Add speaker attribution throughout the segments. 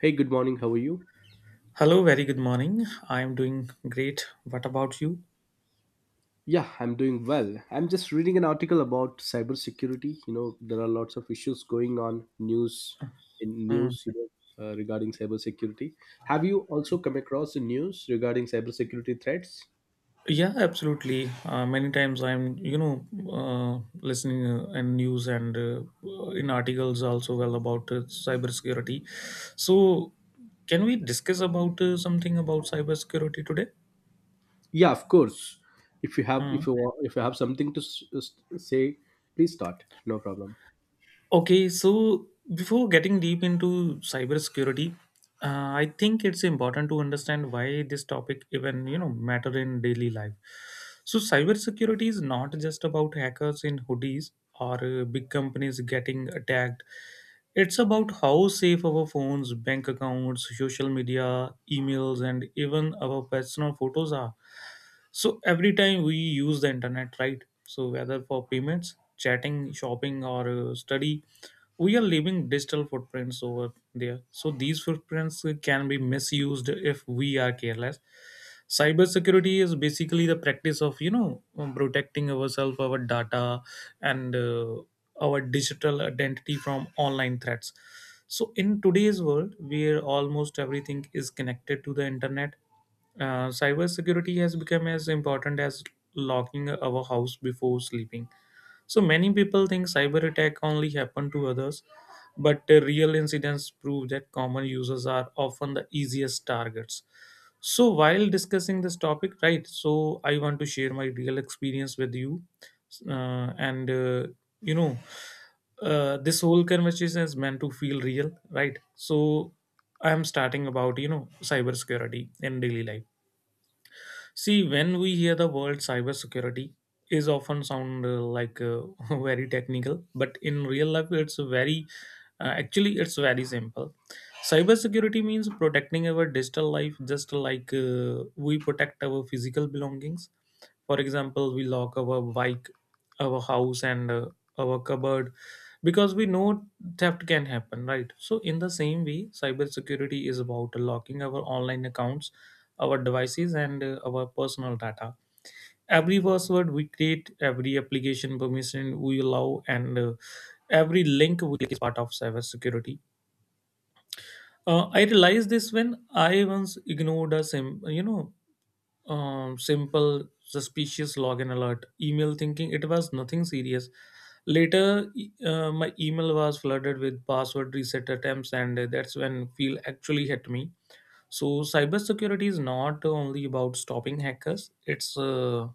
Speaker 1: Hey, good morning. How are you?
Speaker 2: Hello, very good morning. I am doing great. What about you?
Speaker 1: Yeah, I'm doing well. I'm just reading an article about cybersecurity. You know, there are lots of issues going on news in
Speaker 2: Mm.
Speaker 1: news, regarding cybersecurity. Have you also come across the news regarding cybersecurity threats?
Speaker 2: Yeah, absolutely. Many times I'm listening and news and in articles also well about cybersecurity. So, can we discuss about something about cybersecurity today?
Speaker 1: Yeah, of course. If you have,
Speaker 2: Hmm.
Speaker 1: if you have something to say, please start. No problem.
Speaker 2: Okay, so before getting deep into cybersecurity, I think it's important to understand why this topic even matter in daily life. So cybersecurity is not just about hackers in hoodies or big companies getting attacked. It's about how safe our phones, bank accounts, social media, emails, and even our personal photos are. So every time we use the internet, right? So whether for payments chatting, shopping, or study, we are leaving digital footprints over there. So these footprints can be misused if we are careless. Cybersecurity is basically the practice of protecting ourselves, our data, and our digital identity from online threats. So in today's world, where almost everything is connected to the internet, cybersecurity has become as important as locking our house before sleeping. So many people think cyber attack only happen to others, but real incidents prove that common users are often the easiest targets. So while discussing this topic, right? So I want to share my real experience with you, uh, and uh, you know, this whole conversation is meant to feel real, right? So I am starting about cybersecurity in daily life. See, when we hear the word cybersecurity, is often sound very technical, but in real life, it's very actually it's very simple. Cybersecurity means protecting our digital life, just like we protect our physical belongings. For example, we lock our bike, our house, and our cupboard because we know theft can happen, right? So, in the same way, cybersecurity is about locking our online accounts, our devices and our personal data. Every password we create, every application permission we allow, and every link we is part of cybersecurity. I realized this when I once ignored a simple suspicious login alert email, thinking it was nothing serious. Later, my email was flooded with password reset attempts, and that's when feel actually hit me. So, cybersecurity is not only about stopping hackers, it's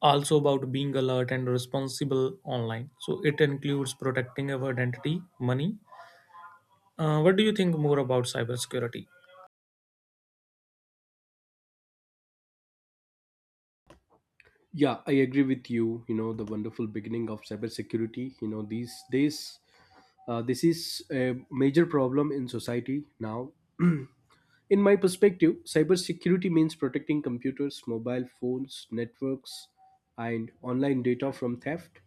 Speaker 2: also about being alert and responsible online. So, it includes protecting our identity, money. What do you think more about cybersecurity?
Speaker 1: Yeah, I agree with you. You know, the wonderful beginning of cybersecurity. You know, these days, this is a major problem in society now. In my perspective, cybersecurity means protecting computers, mobile phones, networks, and online data from theft,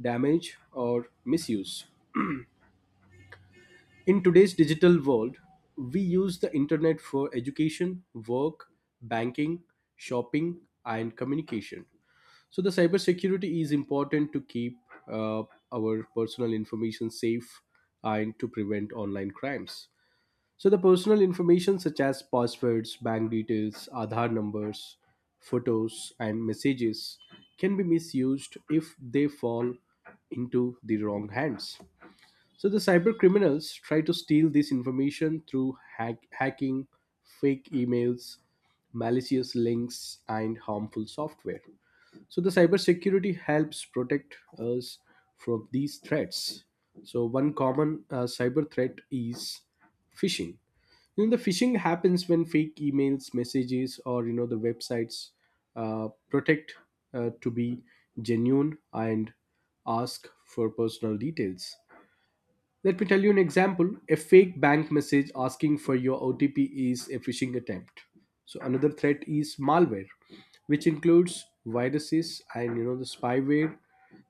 Speaker 1: damage, or misuse. In today's digital world, we use the internet for education, work, banking, shopping, and communication. So, the cybersecurity is important to keep uh, our personal information safe and to prevent online crimes. So the personal information such as passwords, bank details, Aadhaar numbers, photos and messages can be misused if they fall into the wrong hands. So the cyber criminals try to steal this information through hacking, fake emails, malicious links and harmful software. So the cybersecurity helps protect us from these threats. So one common cyber threat is phishing. The phishing happens when fake emails, messages, or the websites protect to be genuine and ask for personal details. Let me tell you an example. A fake bank message asking for your OTP is a phishing attempt. So another threat is malware, which includes viruses and the spyware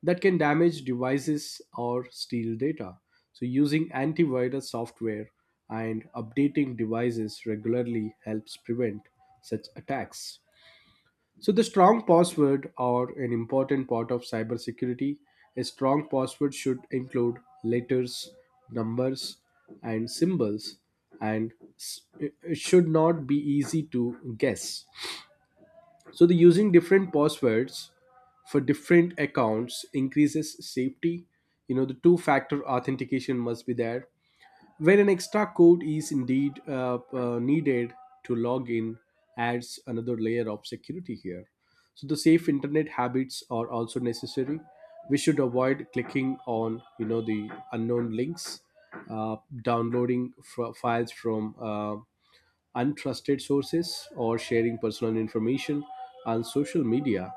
Speaker 1: that can damage devices or steal data. So using antivirus software and updating devices regularly helps prevent such attacks. So, the strong password are an important part of cybersecurity. A strong password should include letters, numbers, and symbols, and it should not be easy to guess. So, the using different passwords for different accounts increases safety. You know, the two factor authentication must be there when an extra code is indeed needed to log in, adds another layer of security here. So the safe internet habits are also necessary. We should avoid clicking on the unknown links, uh, downloading files from untrusted sources, or sharing personal information on social media.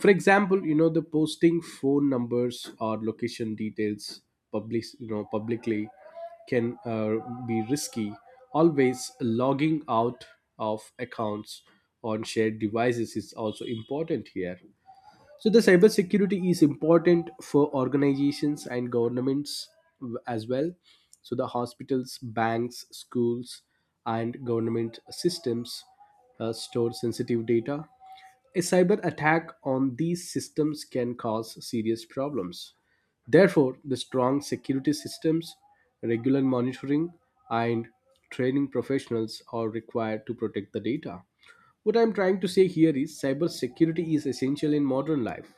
Speaker 1: For example, the posting phone numbers or location details public, publicly, can be risky. Always logging out of accounts on shared devices is also important here. So the cybersecurity is important for organizations and governments as well. So the hospitals, banks, schools, and government systems store sensitive data. A cyber attack on these systems can cause serious problems. Therefore, the strong security systems, regular monitoring, and training professionals are required to protect the data. What I'm trying to say here is cybersecurity is essential in modern life.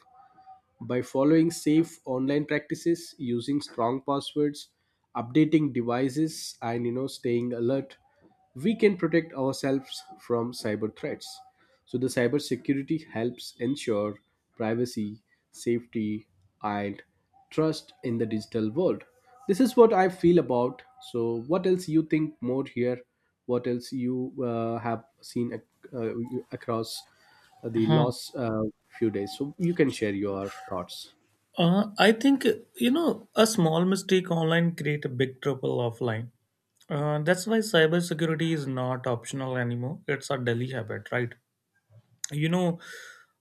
Speaker 1: By following safe online practices, using strong passwords, updating devices, and staying alert, we can protect ourselves from cyber threats. So the cybersecurity helps ensure privacy, safety, and trust in the digital world. This is what I feel about. So what else you think more here? What else you have seen across the
Speaker 2: Huh.
Speaker 1: last few days? So you can share your thoughts.
Speaker 2: I think, you know, a small mistake online create a big trouble offline. That's why cybersecurity is not optional anymore. It's a daily habit, right? You know,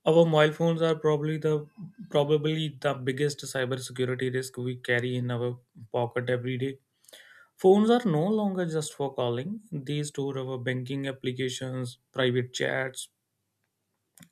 Speaker 2: our mobile phones are probably the biggest cybersecurity risk we carry in our pocket every day. Phones are no longer just for calling; these store our banking applications, private chats,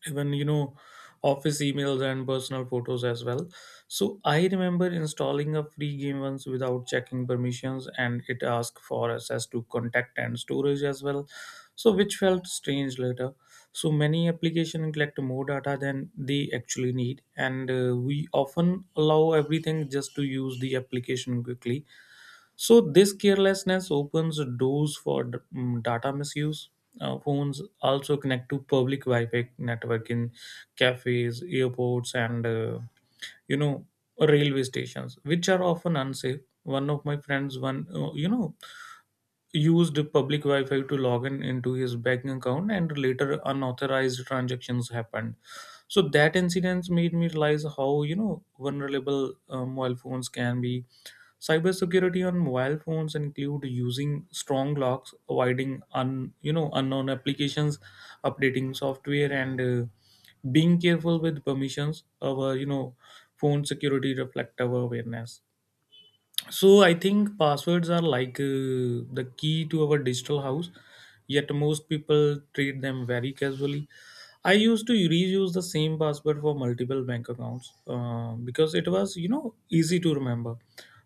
Speaker 2: even office emails and personal photos as well. So I remember installing a free game once without checking permissions, and it asked for access to contact and storage as well, so which felt strange later. So many applications collect more data than they actually need, and we often allow everything just to use the application quickly. So this carelessness opens doors for data misuse. Phones also connect to public Wi-Fi network in cafes, airports, and you know railway stations, which are often unsafe. One of my friends, used public Wi-Fi to log in into his banking account, and later unauthorized transactions happened. So that incident made me realize how vulnerable mobile phones can be. Cybersecurity on mobile phones include using strong locks, avoiding un, you know unknown applications, updating software, and being careful with permissions. Our phone security reflect our awareness. So I think passwords are like the key to our digital house, yet most people treat them very casually. I used to reuse the same password for multiple bank accounts because it was easy to remember,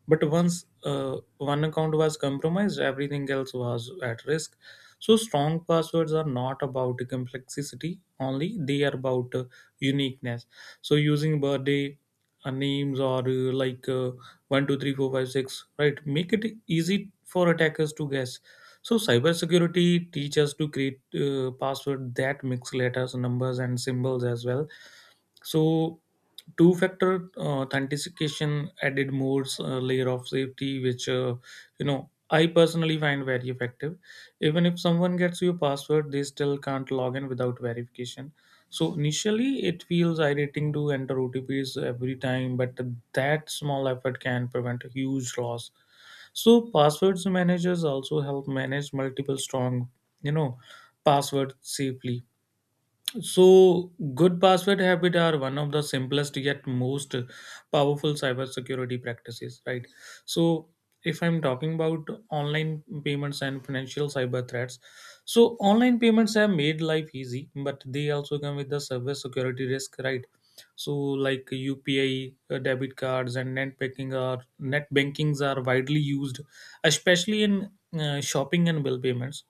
Speaker 2: but once one account was compromised, everything else was at risk. So strong passwords are not about complexity only, they are about uniqueness. So using birthday, names, or one two three four five six, right, make it easy for attackers to guess. So cybersecurity teach us to create password that mix letters, numbers, and symbols as well. So two factor authentication added more layer of safety, which you know I personally find very effective. Even if someone gets your password, they still can't log in without verification. So initially, it feels irritating to enter OTPs every time, but that small effort can prevent a huge loss. So passwords managers also help manage multiple strong, you know, passwords safely. So, good password habit are one of the simplest yet most powerful cybersecurity practices, right? So, if I'm talking about online payments and financial cyber threats, so online payments have made life easy, but they also come with the cyber security risk, right? So, like UPI, debit cards, and net bankings are widely used, especially in shopping and bill payments.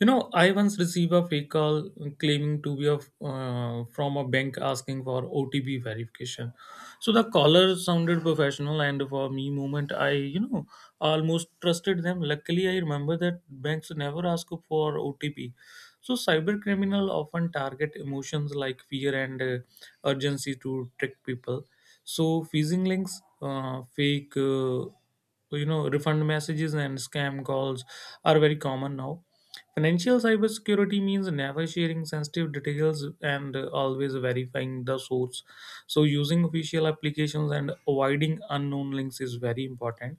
Speaker 2: You know, I once received a fake call claiming to be from a bank asking for OTP verification. So the caller sounded professional, and for me, moment I almost trusted them. Luckily, I remember that banks never ask for OTP. So cyber criminal often target emotions like fear and urgency to trick people. So phishing links, fake. You know refund messages and scam calls are very common now. Financial cybersecurity means never sharing sensitive details and always verifying the source. So, using official applications and avoiding unknown links is very important.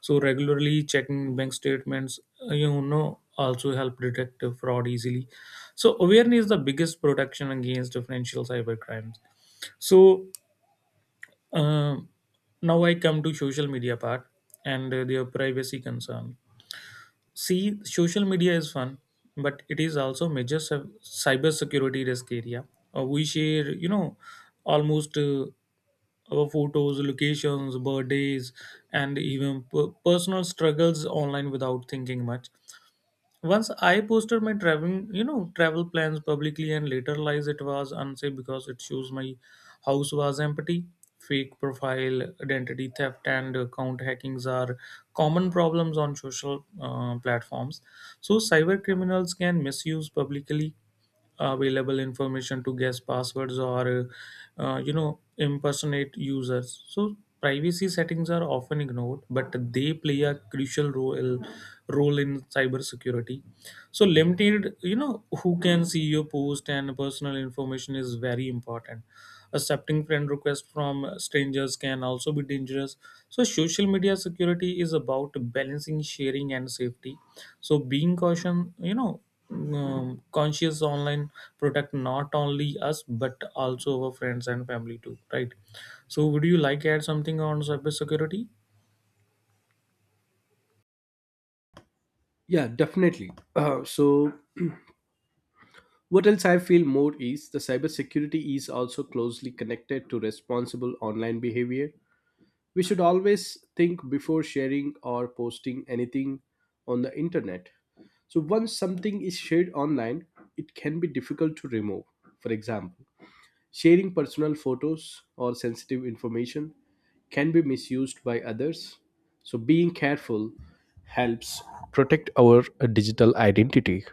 Speaker 2: So, regularly checking bank statements, also help detect fraud easily. So, awareness is the biggest protection against financial cybercrimes. So, um now I come to social media part and their privacy concern. See, social media is fun, but it is also major cyber security risk area. We share, you know, almost our photos, locations, birthdays, and even personal struggles online without thinking much. Once I posted my travel plans publicly and later realized it was unsafe because it shows my house was empty. Fake profile, identity theft, and account hackings are common problems on social platforms. So cyber criminals can misuse publicly available information to guess passwords or impersonate users. So privacy settings are often ignored, but they play a crucial role in cybersecurity. So limited who can see your post and personal information is very important. Accepting friend requests from strangers can also be dangerous. So social media security is about balancing sharing and safety. So being caution you know conscious online protect not only us but also our friends and family too, right? So would you like add something on cyber security?
Speaker 1: Yeah, definitely. So, what else I feel more is the cybersecurity is also closely connected to responsible online behavior. We should always think before sharing or posting anything on the internet. So, once something is shared online, it can be difficult to remove. For example, sharing personal photos or sensitive information can be misused by others. So, being careful helps protect our digital identity.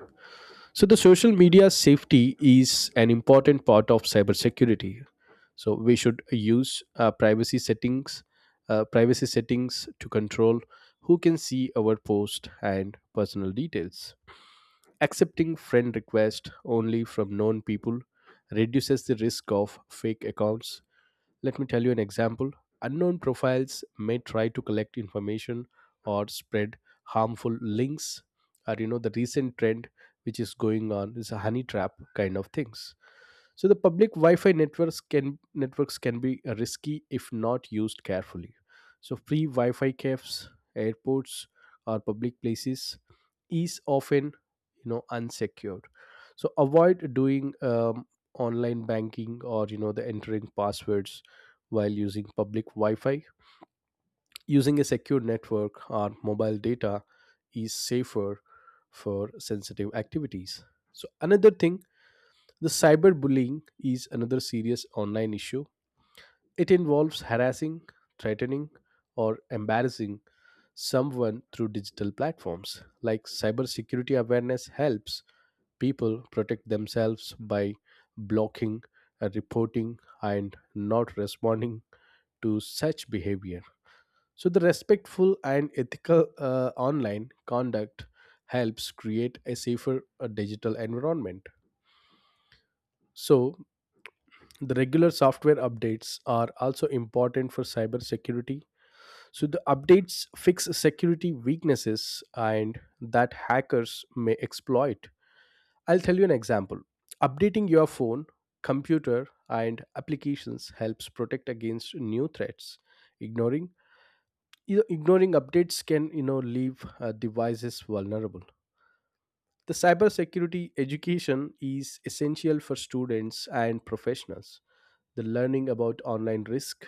Speaker 1: So the social media safety is an important part of cybersecurity. So we should use privacy settings to control who can see our post and personal details. Accepting friend requests only from known people reduces the risk of fake accounts. Let me tell you an example. Unknown profiles may try to collect information or spread harmful links. Or, the recent trend which is going on is a honey trap kind of things. So the public Wi-Fi networks can be risky if not used carefully. So free Wi-Fi cafes, airports, or public places is often unsecured. So avoid doing online banking or the entering passwords while using public Wi-Fi. Using a secure network or mobile data is safer for sensitive activities. So another thing, the cyberbullying is another serious online issue. It involves harassing, threatening, or embarrassing someone through digital platforms. Like cybersecurity awareness helps people protect themselves by blocking, reporting, and not responding to such behavior. So, the respectful and ethical online conduct helps create a safer digital environment. So, the regular software updates are also important for cybersecurity. So the updates fix security weaknesses and that hackers may exploit. I'll tell you an example. Updating your phone, computer, and applications helps protect against new threats. Ignoring ignoring updates can leave devices vulnerable. The cybersecurity education is essential for students and professionals. The learning about online risk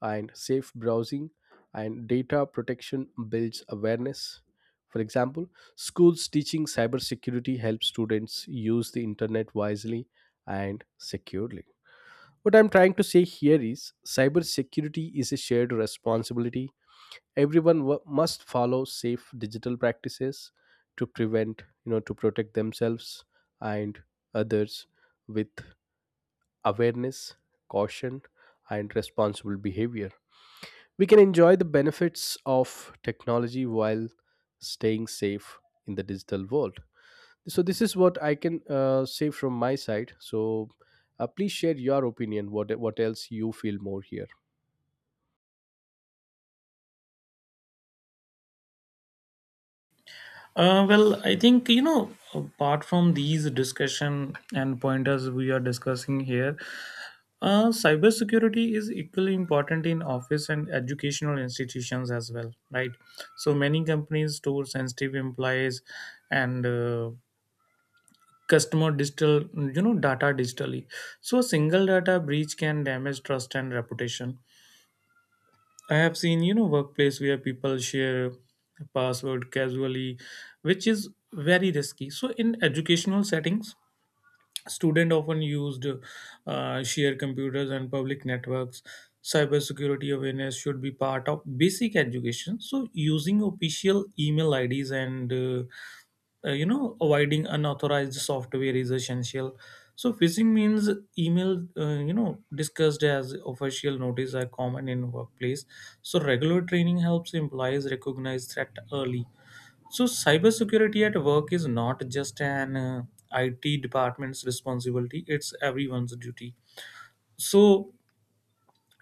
Speaker 1: and safe browsing and data protection builds awareness. For example, schools teaching cybersecurity helps students use the internet wisely and securely. What I'm trying to say here is cybersecurity is a shared responsibility. Everyone must follow safe digital practices to prevent, you know, to protect themselves and others with awareness, caution, and responsible behavior. We can enjoy the benefits of technology while staying safe in the digital world. So, this is what I can say from my side. So, please share your opinion. What else you feel more here?
Speaker 2: Well, I think, you know, apart from these discussion and pointers we are discussing here, cyber security is equally important in office and educational institutions as well, right? So many companies store sensitive employees and customer digital, data digitally. So a single data breach can damage trust and reputation. I have seen, workplace where people share password casually, which is very risky. So in educational settings, students often used shared computers and public networks. Cybersecurity awareness should be part of basic education. So, using official email IDs and avoiding unauthorized software is essential. So, phishing means email discussed as official notice are common in workplace. So, regular training helps employees recognize threat early. So, cybersecurity at work is not just an IT department's responsibility, it's everyone's duty. So,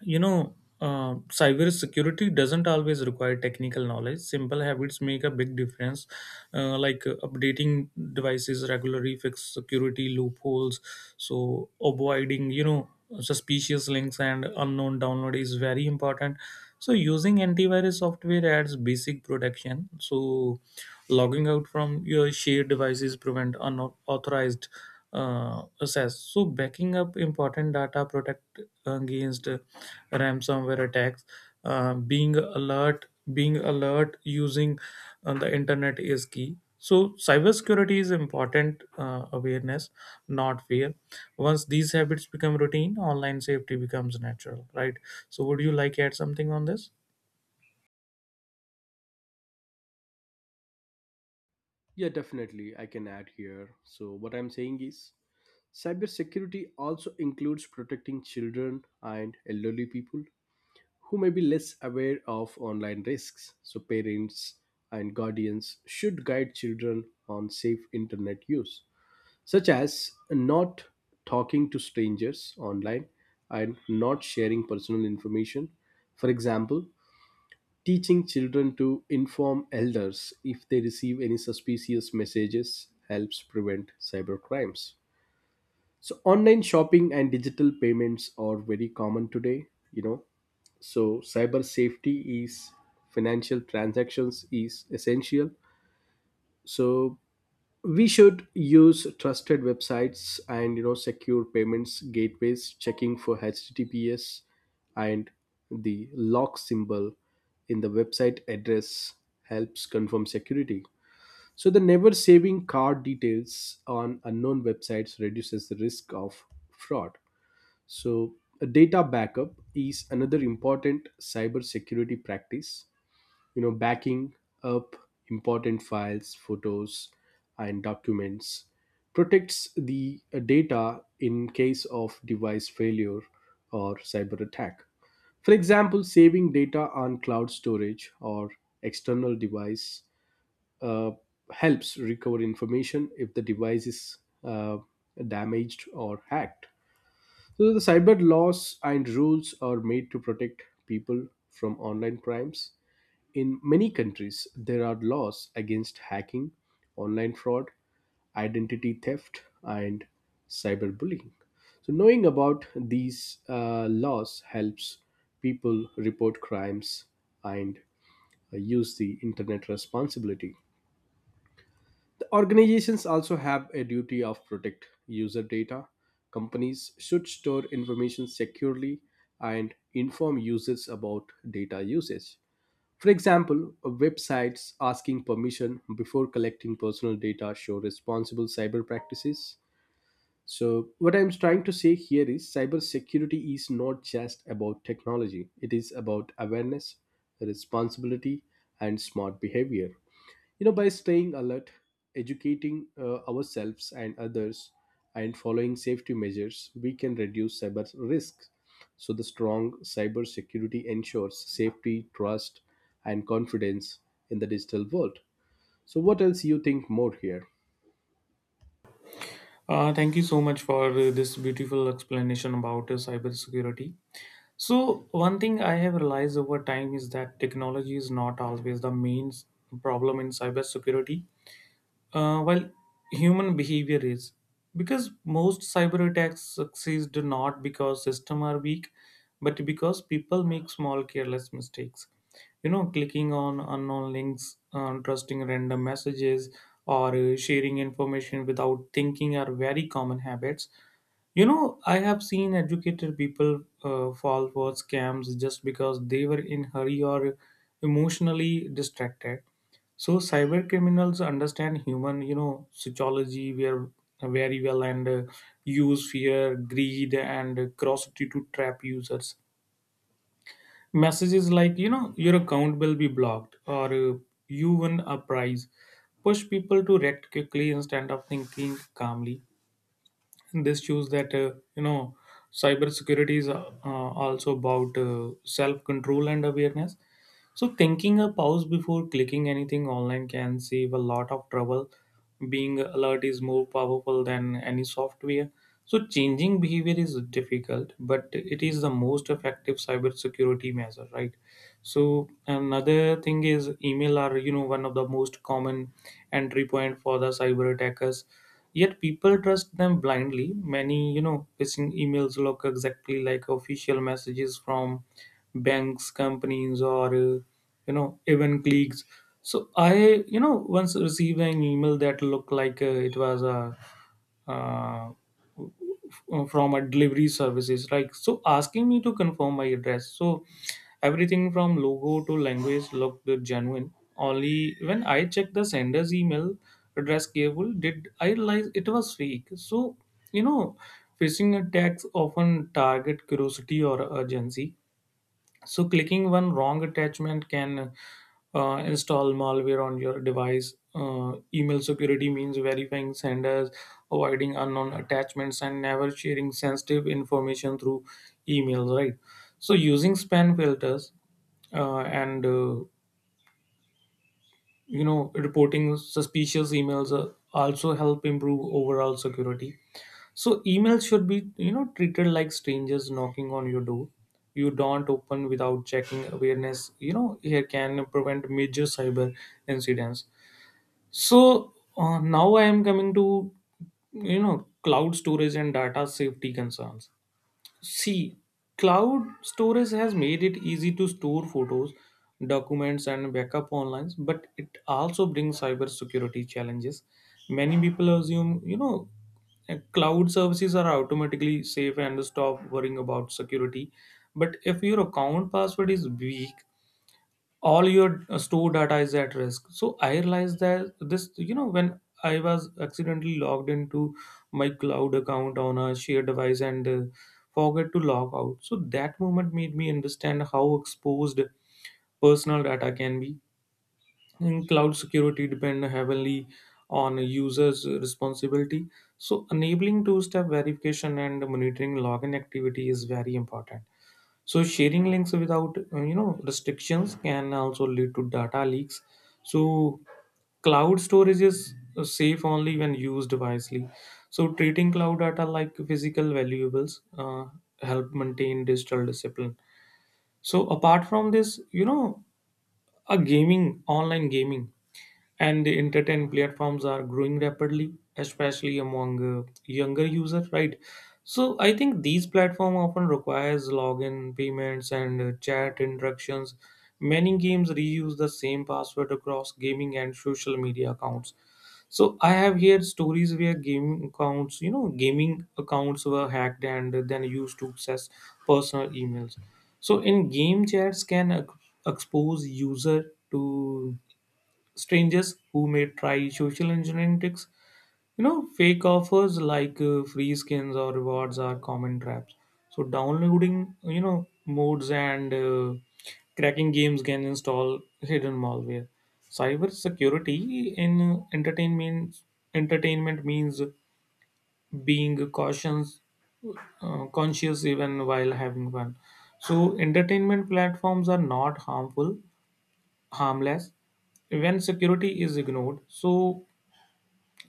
Speaker 2: you know, cyber security doesn't always require technical knowledge. Simple habits make a big difference, updating devices regularly, fix security loopholes, so avoiding suspicious links and unknown download is very important. So using antivirus software adds basic protection. So logging out from your shared devices prevent unauthorized says. So backing up important data protect against ransomware attacks. Uh, being alert, being alert using the internet is key. So cybersecurity is important awareness, not fear. Once these habits become routine, online safety becomes natural, right? So would you like to add something on this?
Speaker 1: Yeah, definitely. I can add here. So, what I'm saying is cybersecurity also includes protecting children and elderly people who may be less aware of online risks. So, parents and guardians should guide children on safe internet use, such as not talking to strangers online and not sharing personal information. For example, teaching children to inform elders if they receive any suspicious messages helps prevent cybercrimes. So online shopping and digital payments are very common today. You know, so cyber safety is financial transactions is essential. So we should use trusted websites and secure payments gateways, checking for https and the lock symbol in the website address helps confirm security. So the never saving card details on unknown websites reduces the risk of fraud. So, a data backup is another important cybersecurity practice. You know, backing up important files, photos, and documents protects the data in case of device failure or cyber attack. For example, saving data on cloud storage or external device uh, helps recover information if the device is uh, damaged or hacked. So the cyber laws and rules are made to protect people from online crimes. In many countries, there are laws against hacking, online fraud, identity theft, and cyberbullying. So knowing about these laws helps people report crimes and use the internet responsibly. The organizations also have a duty of protect user data. Companies should store information securely and inform users about data usage. For example, websites asking permission before collecting personal data show responsible cyber practices. So, what I'm trying to say here is cybersecurity is not just about technology, it is about awareness, responsibility, and smart behavior. By staying alert, educating ourselves and others, and following safety measures, we can reduce cyber risks. So the strong cyber security ensures safety, trust, and confidence in the digital world. So what else you think more here?
Speaker 2: Thank you so much for this beautiful explanation about cybersecurity. So, one thing I have realized over time is that technology is not always the main problem in cybersecurity, well, human behavior is, because most cyber attacks succeed not because system are weak but because people make small careless mistakes, you know, clicking on unknown links, trusting random messages, or sharing information without thinking are very common habits. You know, I have seen educated people fall for scams just because they were in hurry or emotionally distracted. So cyber criminals understand human, you know, sociology where very well, and use fear, greed, and curiosity to trap users. Messages like, you know, your account will be blocked or you win a prize push people to react quickly instead of thinking calmly. This shows that, you know, cybersecurity is also about self control and awareness. So thinking a pause before clicking anything online can save a lot of trouble. Being alert is more powerful than any software. So changing behavior is difficult, but it is the most effective cybersecurity measure, right? So another thing is email are, you know, one of the most common entry point for the cyber attackers, yet people trust them blindly. Many, you know, phishing emails look exactly like official messages from banks, companies, or you know, even cliques. So I, you know, once received an email that looked like, it was a uh, from a delivery services like, so asking me to confirm my address. So everything from logo to language looked genuine. Only when I checked the sender's email address cable did I realize it was fake. So, you know, phishing attacks often target curiosity or urgency. So clicking one wrong attachment can install malware on your device. Email security means verifying senders, avoiding unknown attachments, and never sharing sensitive information through emails. Right. So using spam filters and you know, reporting suspicious emails also help improve overall security. So emails should be, you know, treated like strangers knocking on your door. You don't open without checking awareness. You know, here can prevent major cyber incidents. So now I am coming to, you know, cloud storage and data safety concerns. See, cloud storage has made it easy to store photos, documents, and backup online, but it also brings cybersecurity challenges. Many people assume, cloud services are automatically safe and stop worrying about security. But if your account password is weak, all your store data is at risk. So I realized that this, you know, when I was accidentally logged into my cloud account on a shared device and forgot to log out. So that moment made me understand how exposed personal data can be. In cloud, security depend heavily on a users responsibility. So enabling two step verification and monitoring login activity is very important. So sharing links without, you know, restrictions can also lead to data leaks. So cloud storage is safe only when used wisely. So treating cloud data like physical valuables help maintain digital discipline. So apart from this, you know, a gaming online gaming and the entertainment platforms are growing rapidly, especially among younger users, right? So I think these platform often requires login, payments, and chat interactions. Many games reuse the same password across gaming and social media accounts. So I have heard stories where gaming accounts were hacked and then used to access personal emails. So in game chats can expose user to strangers who may try social engineering tricks. You know, fake offers like free skins or rewards are common traps. So, downloading, you know, modes and cracking games can install hidden malware. Cyber security in entertainment means being cautious, conscious even while having fun. So, entertainment platforms are not harmless when security is ignored. So,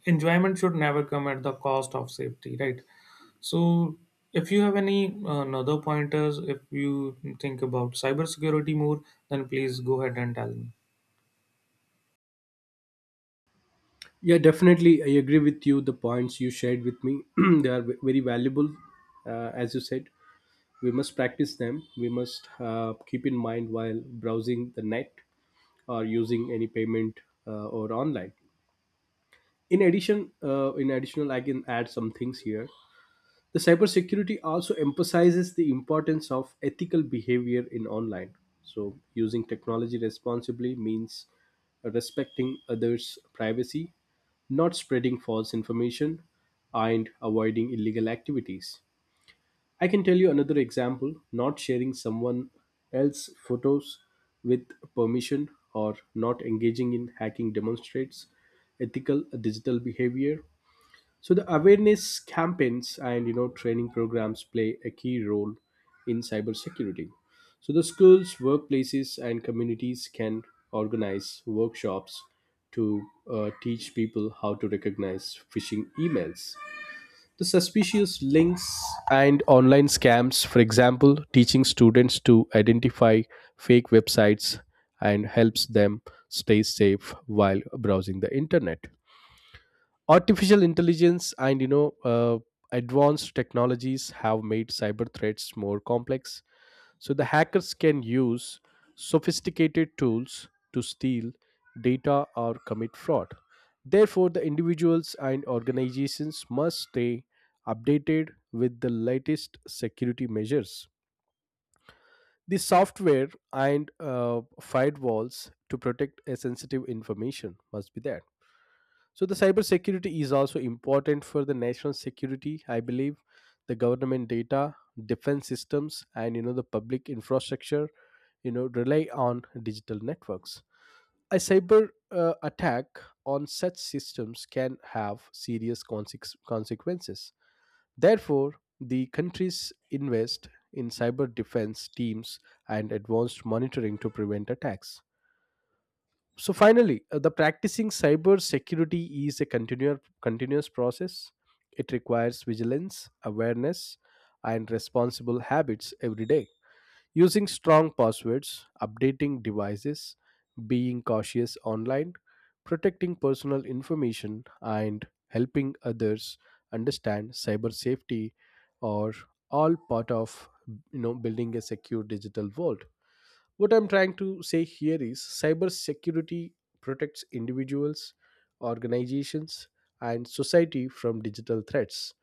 Speaker 2: enjoyment should never come at the cost of safety, right? So if you have any another pointers, if you think about cybersecurity more, then please go ahead and tell me.
Speaker 1: Yeah, definitely, I agree with you. The points you shared with me, they are very valuable. As you said, we must practice them. We must keep in mind while browsing the net or using any payment, or online. In addition, I can add some things here. The cybersecurity also emphasizes the importance of ethical behavior in online. So, using technology responsibly means respecting others' privacy, not spreading false information, and avoiding illegal activities. I can tell you another example. Not sharing someone else's photos with permission or not engaging in hacking demonstrates ethical digital behavior. So the awareness campaigns and training programs play a key role in cybersecurity. So the schools, workplaces, and communities can organize workshops to teach people how to recognize phishing emails, the suspicious links, and online scams. For example, teaching students to identify fake websites and helps them stay safe while browsing the internet. Artificial intelligence and advanced technologies have made cyber threats more complex. So the hackers can use sophisticated tools to steal data or commit fraud. Therefore, the individuals and organizations must stay updated with the latest security measures. The software and firewalls to protect a sensitive information must be there. So the cybersecurity is also important for the national security, I believe. The government data, defense systems, and the public infrastructure, rely on digital networks. A cyber attack on such systems can have serious consequences. Therefore, the countries invest in cyber defense teams and advanced monitoring to prevent attacks. So finally, the practicing cyber security is a continuous process. It requires vigilance, awareness, and responsible habits every day. Using strong passwords, updating devices, being cautious online, protecting personal information, and helping others understand cyber safety are all part of building a secure digital world. What I'm trying to say here is cybersecurity protects individuals, organizations, and society from digital threats.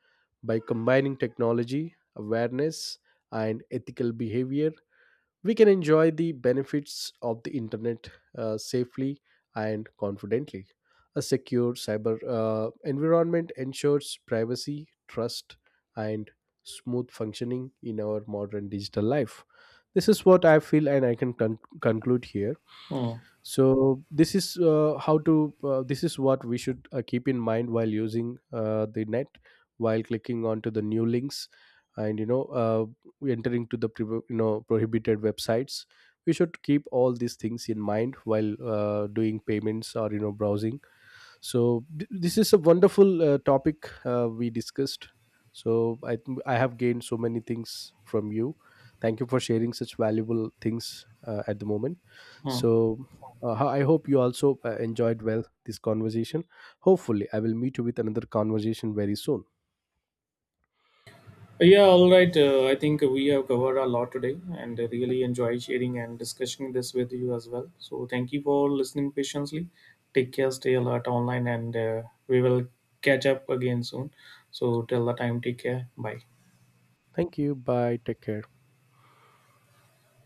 Speaker 1: By combining technology, awareness, and ethical behavior, we can enjoy the benefits of the internet safely and confidently. A secure cyber environment ensures privacy, trust, and smooth functioning in our modern digital life. This is what I feel, and I can conclude here.
Speaker 2: Oh,
Speaker 1: So this is how to this is what we should keep in mind while using the net while clicking onto the new links and entering to the prohibited websites. We should keep all these things in mind while doing payments or browsing. So this is a wonderful topic we discussed. So I have gained so many things from you. Thank you for sharing such valuable things at the moment.
Speaker 2: huh.
Speaker 1: So I hope you also enjoyed well this conversation. Hopefully I will meet you with another conversation very soon.
Speaker 2: Yeah, all right. I think we have covered a lot today and I really enjoy sharing and discussing this with you as well. So, thank you for listening patiently. Take care, stay alert online, and we will catch up again soon. So, till the time, take care. Bye.
Speaker 1: Thank you. Bye. Take care.